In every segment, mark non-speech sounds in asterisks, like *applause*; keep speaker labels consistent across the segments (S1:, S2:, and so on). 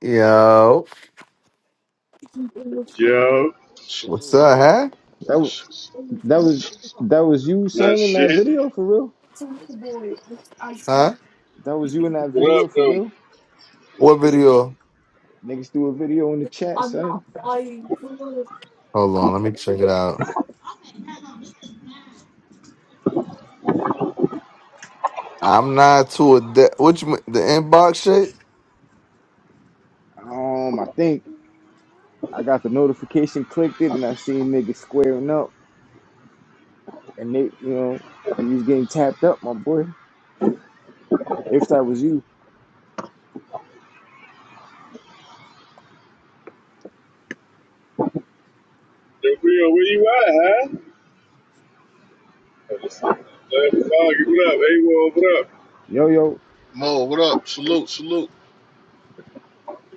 S1: Yo,
S2: Mo,
S3: Yo,
S1: what's
S2: salute.
S1: up, huh?
S4: That was
S2: Sh-
S4: that
S2: sh-
S4: was that was you,
S3: not
S4: son, in that
S3: shit.
S4: video for real.
S1: Huh?
S4: That was you in that
S3: What up,
S4: video for
S3: though?
S4: real.
S1: What video?
S4: Niggas threw a video in the chat, son.
S1: Hold on, let me check it out. I'm not too adept. Which the inbox shit?
S4: Um, I think I got the notification, clicked it, and I seen niggas squaring up, and they, you know, you was getting tapped up, my boy. If that was you,
S3: Yo, Rio, where you at, huh? Uh, Foggy, what up? A-Wall, what up?
S4: yo, yo,
S2: Mo, what up? Salute, salute.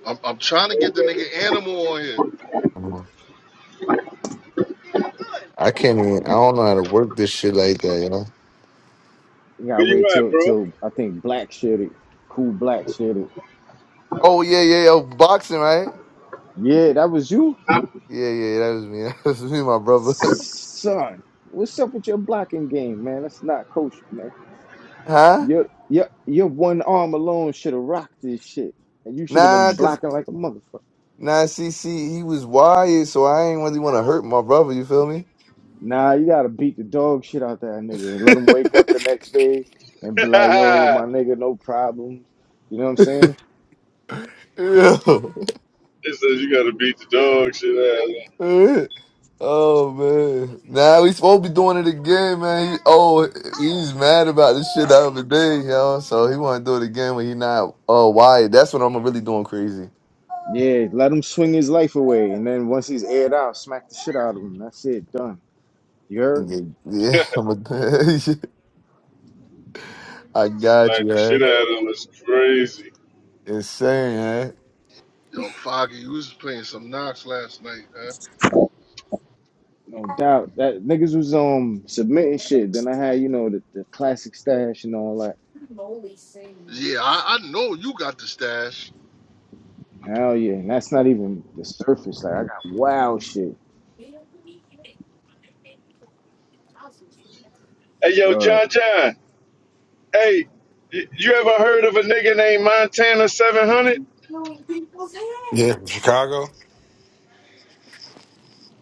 S2: I'm, I'm trying to get the nigga Animal on here.
S1: I can't even. I don't know how to work this shit like that, you know.
S4: you gotta
S3: Where
S4: wait
S3: you at,
S4: till
S3: bro? *laughs*
S4: till I think Black shared it. Cool Black shared it.
S1: Oh yeah, yeah, yo, boxing, right?
S4: Yeah, that was you,
S1: Yeah, yeah, that was me. *laughs* That was me, my brother.
S4: son. What's up with your blocking game, man? That's not kosher, man.
S1: *laughs* huh?
S4: Your your your one arm alone should have rocked this shit, and you should have
S1: Nah,
S4: been
S1: cause
S4: blocking like a motherfucker.
S1: nah, see, see, he was wired, so I ain't really want to hurt my brother. You feel me?
S4: Nah, you gotta beat the dog shit out that nigga and let him wake up the next day and be like, "Yo,
S3: it
S4: my nigga, no problems." You know what I'm saying?
S1: *laughs* yeah.
S3: says you gotta beat the dog shit
S1: *laughs* Oh man. Now nah, we supposed to be doing it again, man. He, oh he's mad about this shit the other day, yo. So he wanna do it again when he not oh wired. That's when I'm really doing crazy.
S4: Yeah, let him swing his life away, and then once he's aired out, smack the shit out of him. That's it, done. You heard?
S1: Yeah, yeah
S3: out of
S1: *laughs*
S3: him.
S1: I'm a, *laughs* I
S3: *laughs*
S1: got
S3: like,
S1: you,
S3: the
S1: huh?
S3: shit out of him is crazy.
S1: Insane, huh?
S2: Yo, Foggy, you was playing some Knox last night, huh?
S4: No doubt. That niggas was um submitting shit. Then I had you know the, the classic stash and all that.
S2: Yeah, I, I know you got the stash.
S4: Hell yeah, and that's not even the surface. Like I got wild shit.
S3: Hey, yo,
S4: Word.
S3: John John. Hey, y- you ever heard of a nigga named Montana 700?
S5: Yeah, from Chicago.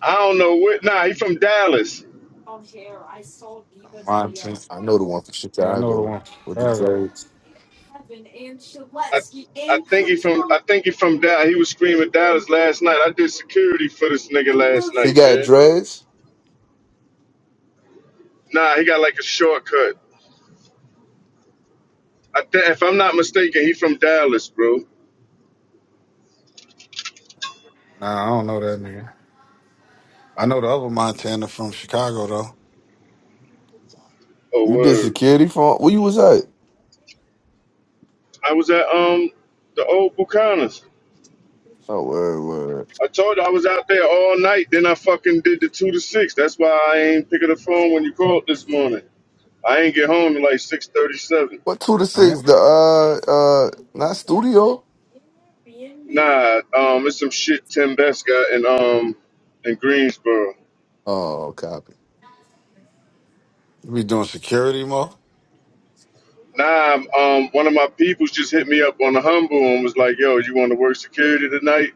S3: I don't know what. Nah, he from Dallas.
S5: Montana.
S1: I know the one from
S5: Yeah, I know the one.
S1: Chicago
S5: from
S1: with the
S5: Chicago.
S1: dreads.
S3: I I think he from I think he from Dallas. He was screaming Dallas last night. I did security for this nigga last
S1: He
S3: night,
S1: got
S3: man.
S1: dreads?
S3: Nah, he got like a shortcut. I th- if I'm not mistaken, he from Dallas, bro.
S5: Nah, I don't know that nigga. I know the other Montana from Chicago though.
S3: Oh
S1: You did
S3: word.
S1: security for where you was at?
S3: I was at um the old Bucanas.
S1: Oh word, word.
S3: I told you I was out there all night. Then I fucking did the two to six. That's why I ain't picking the phone when you called this morning. I ain't get home till like six thirty seven.
S1: What two to
S5: I
S1: six?
S5: ain't.
S1: The uh uh not studio?
S3: Nah, um, it's some shit Tim Best got in um in Greensboro.
S1: Oh copy.
S5: You be doing security mo.
S3: Nah, um, one of my peoples just hit me up on the humble and was like, "Yo, you want to work security tonight?"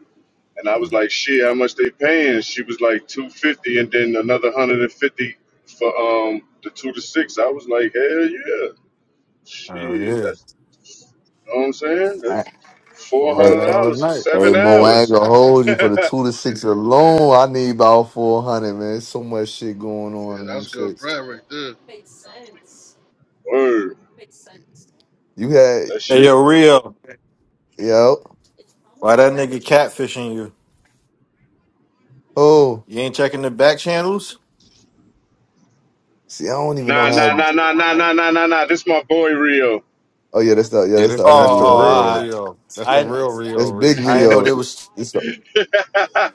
S3: And I was like, "Shit, how much they paying?" She was like, 250 and then another 150 for um the two to six. I was like, "Hell yeah,
S5: Oh
S3: shit,
S5: yeah,
S3: that's you know what I'm saying. That's four
S5: four hundred
S1: Hey,
S3: hundred
S1: hey,
S5: dollars a
S3: dollars for
S5: night.
S1: hey,
S3: seven
S1: Mo, I
S5: Hell,
S1: ain't
S3: hours."
S1: gonna hold you
S3: *laughs*
S5: Yeah,
S1: for the two to six
S2: Yeah,
S1: alone. I need about four hundred, man. So much shit going on
S2: yeah,
S1: in them
S2: that's good
S1: shits.
S2: Brad, right there.
S3: Word,
S1: You had,
S3: that
S6: Hey
S1: you,
S3: shit.
S6: yo, Rio,
S1: yo,
S6: why that nigga catfishing you?
S1: oh,
S6: You ain't checking the back channels?
S1: see, I don't even know
S3: Nah,
S1: how.
S3: nah,
S1: I-
S3: nah, nah, nah, nah, nah, nah, nah. This my boy Rio.
S1: Oh yeah, that's the yeah,
S5: Yeah,
S1: that's the
S5: that's
S6: Oh,
S1: other
S5: that's the
S6: oh,
S1: Rio.
S5: real
S1: Yeah,
S6: I,
S5: Rio. That's the
S6: I,
S5: real Rio.
S1: that's Big
S5: Ree.
S6: I didn't know
S1: Rio.
S6: there was.
S1: It's the-
S3: *laughs* like I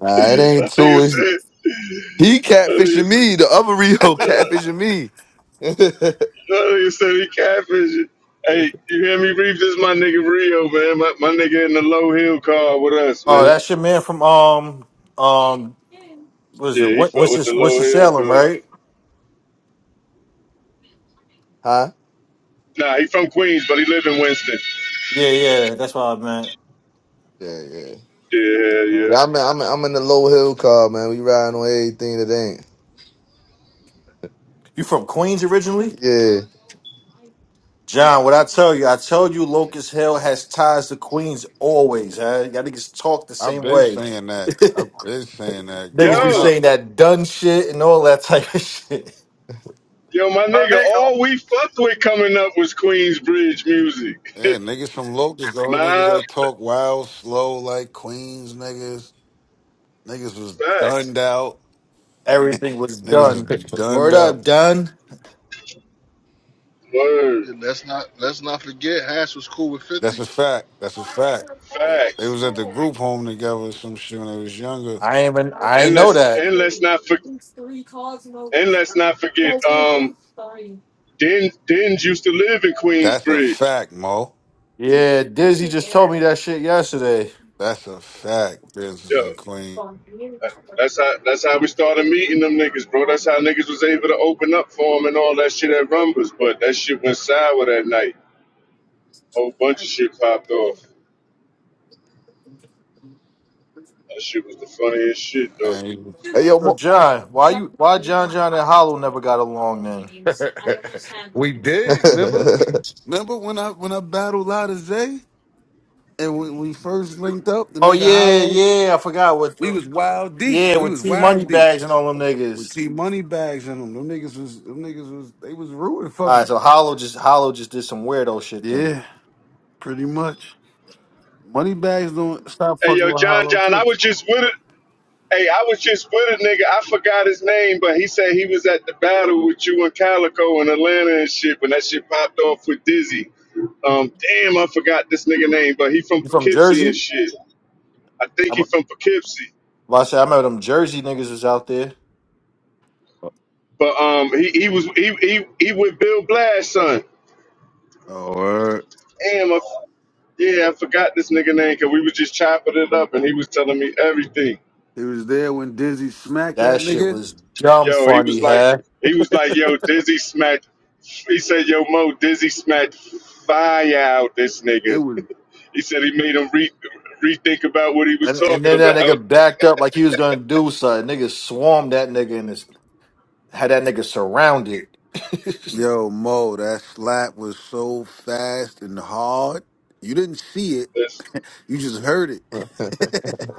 S1: nah, it ain't two. It's,
S3: said,
S1: he
S3: like I
S1: catfishing
S3: said.
S1: me. The other Rio *laughs*
S3: uh,
S1: catfishing me. *laughs*
S3: he said he catfishing. Hey, you hear me, Reef? This is my nigga Rio, man. My, my nigga in the low hill car with us,
S6: Oh,
S3: man.
S6: that's your man from um, um, what is it?
S3: Yeah, he
S6: What,
S3: fuck
S6: what's
S3: with the
S6: this? What's
S3: low
S6: the
S3: hill
S6: Salem,
S3: car.
S6: right?
S1: huh?
S3: Nah, he from Queens, but he live in Winston.
S6: Yeah, yeah, that's what I
S1: Yeah, yeah.
S3: Yeah,
S6: meant.
S3: yeah.
S1: Yeah, I'm in, I'm in, I'm in the low hill car, man. We riding on everything that
S6: You from Queens originally,
S1: ain't.
S6: John? What I tell you, I told you, Locust Hill has ties to Queens always. Huh? Y'all niggas talk the
S5: I've
S6: same
S5: been
S6: way.
S5: saying
S6: *laughs*
S5: that. I've been saying that
S6: niggas be
S5: growing
S3: Yo,
S5: up.
S6: saying that done shit and all that type of *laughs* shit.
S3: yo, my nigga, all we fucked with coming up was Queensbridge music. *laughs*
S5: Yeah, niggas from Locust though. Niggas
S3: My
S5: that talk wild, slow like Queens niggas. Niggas was dunned
S3: facts.
S5: out.
S6: Everything was
S5: Niggas was
S6: done.
S1: Yeah. *laughs*
S5: dunned
S6: Word up,
S5: out.
S6: done.
S3: Word.
S2: Yeah, let's not let's not forget Hash was cool with 50.
S5: That's a fact. That's a fact. Like, They
S3: Facts.
S5: was at the group home together or some shit when they was younger.
S6: I ain't even I
S3: And
S6: ain't know
S3: let's
S6: that.
S3: and let's not for, and let's not forget, um, Den Dens used to live in
S5: That's a
S3: Queensbridge.
S5: fact, Mo.
S6: Yeah, Dizzy just told me that shit yesterday.
S5: That's a fact, Business
S3: Yo.
S5: and Queen.
S3: That's how that's how we started meeting them niggas, bro. That's how niggas was able to open up for him and all that shit at Rumbers. But that shit went sour that night. Whole bunch of shit popped off. That shit was the funniest shit though.
S5: And
S1: Hey, yo,
S6: So
S1: Mo-
S6: John, why you why John John and Hollow never got along then?
S5: *laughs* we
S1: *laughs*
S5: did, remember? remember when I when I battled Lotta Zay and when we first linked up, the
S6: Oh
S5: nigga
S6: yeah,
S5: hollow,
S6: yeah, I forgot what
S5: we was wild deep.
S6: yeah,
S5: We
S6: with
S5: was
S6: T Money
S5: wild deep.
S6: bags and all them
S5: With
S6: niggas.
S5: T money bags in them. Them niggas was them niggas was they was rooting for me.
S6: Alright, so Hollow just Hollow just did some weirdo shit then.
S5: Yeah, pretty much. Money bags don't stop
S3: Hey
S5: fucking
S3: yo,
S5: with
S3: John
S5: Hollow
S3: John,
S5: too.
S3: I was just with it. Hey, I was just with a nigga. I forgot his name, but he said he was at the battle with you and Calico in Atlanta and shit when that shit popped off with Dizzy. Um, damn, I forgot this nigga name, but he from
S6: You from
S3: Poughkeepsie
S6: Jersey?
S3: and shit. I
S6: I,
S3: think
S6: am
S3: he from Poughkeepsie.
S6: I said I remember them Jersey niggas was out there.
S3: But um, he, he was he, he he with Bill Blash son.
S5: Oh, word.
S3: Damn, I, yeah, I forgot this nigga name because we was just chopping it up and he was telling me everything.
S5: He was there when Dizzy smacked that
S6: That shit
S5: nigga.
S6: was dumb
S3: Yo, he was
S6: funny,
S3: like
S6: huh?
S3: he was like yo Dizzy smacked. He said yo Mo Dizzy smacked fire out this
S5: It
S3: nigga.
S5: was
S3: *laughs* he said he made him re- rethink about what he was
S6: And, and
S3: talking
S6: then that
S3: about.
S6: nigga
S3: *laughs*
S6: backed up like he was gonna do something. Niggas swarmed that nigga and this, had that nigga surrounded. *laughs*
S5: yo Mo. That slap was so fast and hard. You didn't see it.
S3: That's,
S5: *laughs* You just heard it. *laughs*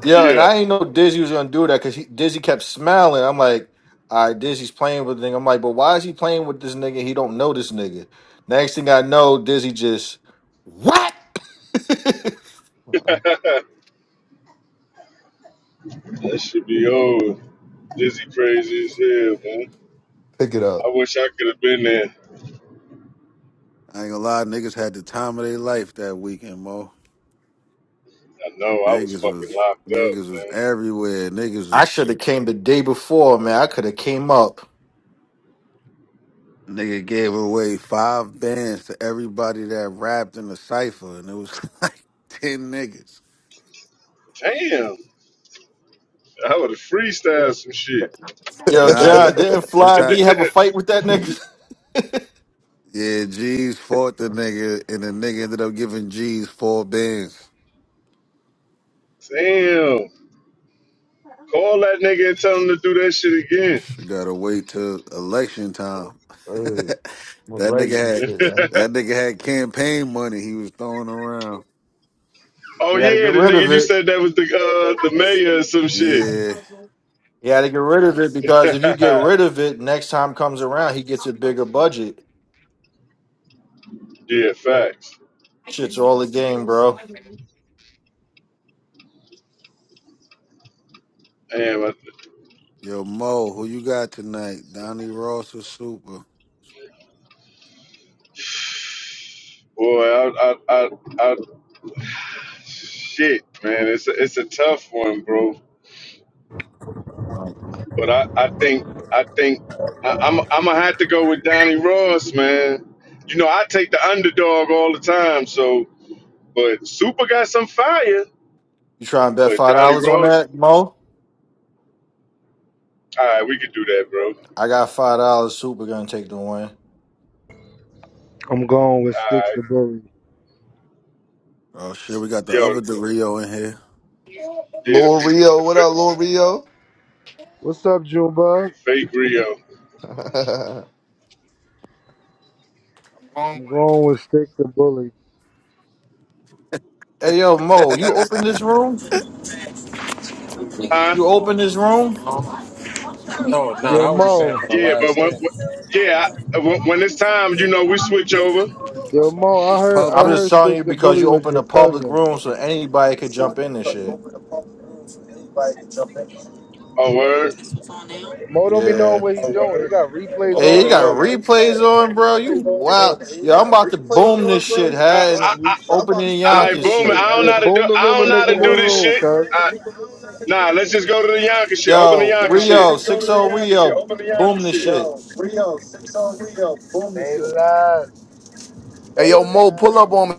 S6: Yeah, and
S3: yeah,
S6: I ain't know Dizzy was gonna do that because Dizzy kept smiling. I'm like, all right, Dizzy's playing with the nigga. I'm like, but why is he playing with this nigga? He don't know this nigga. Next thing I know, Dizzy just what? *laughs*
S3: *laughs* that should be old. Dizzy crazy as hell, man.
S1: pick it up.
S3: I wish I could have been there.
S5: I ain't gonna lie. Niggas had the time of their life that weekend, Mo.
S3: I know I was
S5: Niggas
S3: fucking
S5: was
S3: locked up,
S5: niggas was
S3: man.
S5: everywhere. Niggas
S6: I
S5: was
S6: should have came the day before, man. I could have came up.
S5: nigga gave away five bands to everybody that rapped in the cipher, and it was *laughs* like ten niggas.
S3: Damn. I would have freestyled some shit.
S6: Yo,
S5: Nah, this,
S6: John, didn't
S1: *laughs*
S5: this
S6: Fly
S5: how
S6: D have a fight with that nigga? *laughs* you
S5: Yeah, G's fought the nigga, and the nigga ended up giving G's four bands.
S3: *laughs* Damn. Call that nigga and tell him to do that shit again.
S5: You gotta wait till election time.
S1: All
S5: *laughs*
S1: right,
S5: that
S1: I'm gonna write some
S5: nigga had
S1: shit, man.
S3: *laughs*
S5: that nigga had campaign money he was throwing around.
S3: oh
S6: got to get
S3: yeah, the
S6: rid of
S3: nigga you
S6: it.
S3: said that was the uh, the mayor or some shit.
S5: Yeah,
S6: You got to get rid of it
S3: *laughs*
S6: because if you get rid of it, next time comes around, he gets a bigger budget.
S3: yeah, facts.
S6: Shit's all the game, bro.
S3: Damn. I, *sighs*
S5: yo Mo, who you got tonight? Donnie Ross or Super?
S3: boy, I, I, I, I, shit, man. It's a, it's a tough one, bro.
S5: Oh,
S3: But I, I think I think I, I'm I'm gonna have to go with Donnie Ross, man. You know I take the underdog all the time. So, but Super got some fire.
S6: You try and bet
S3: But
S6: five
S3: Donnie
S6: dollars on
S3: Ross,
S6: that, Mo?
S3: all right, we could do that, bro. All
S6: I got five dollars. Super gonna take the win.
S7: I'm going with Sticks
S3: right,
S7: the Bully.
S5: oh shit, we got the
S3: yo,
S5: other DeRio in here.
S3: yeah, the
S1: Lil
S3: f- the,
S1: Rio, what up,
S3: fa-
S1: Lil Rio?
S7: What's up, Junebug?
S3: the fake Rio,
S1: *laughs*
S7: I'm going with Sticks the Bully.
S6: Hey yo, Mo,
S3: yeah.
S6: you open this room?
S8: No,
S3: huh?
S6: You open this room?
S8: no, I
S7: Yo,
S8: was just saying
S7: Mo.
S8: for the
S3: Yeah, but
S8: last
S3: when,
S8: thing.
S3: when yeah I- when, when it's time, you know we switch over.
S7: Yo,
S5: *laughs*
S7: Mo,
S5: it's
S7: I heard
S6: I'm
S7: I
S5: public.
S6: just
S7: heard
S6: telling
S7: Sticks
S6: you
S7: the
S6: because
S7: Bully
S6: you
S7: was
S6: opened a
S7: your
S6: public
S7: cousin.
S6: room, so anybody could jump in and shit.
S3: Oh word,
S7: Mo don't be knowing
S6: Yeah.
S7: what he doing. He got replays
S6: Hey,
S7: on
S6: you
S7: and
S6: got
S7: all
S8: uh,
S7: that.
S6: replays on, bro. You wow. Yo, I'm about to boom this shit,
S3: Yo,
S6: huh?
S3: I
S6: And you
S3: I,
S6: opening
S3: I
S6: Yonkers
S3: boom.
S6: shit.
S3: I don't
S7: Yeah,
S3: know how to do
S7: boom the
S3: I
S7: room
S3: don't
S7: and
S3: know how
S7: make a
S3: to
S7: new
S3: do this
S7: room,
S3: shit.
S7: cuz.
S3: Nah, let's just go to the Yonka shit. Open the
S6: Yo,
S3: Yonka
S8: nah, let's
S3: shit.
S6: Rio,
S8: just go
S6: 6
S8: to the
S6: o
S8: Yonka shit. huh?
S6: Rio,
S8: Open the
S6: boom this shit.
S8: Yonka
S7: They
S8: shit.
S7: lies.
S1: hey, yo, Mo, pull up on me.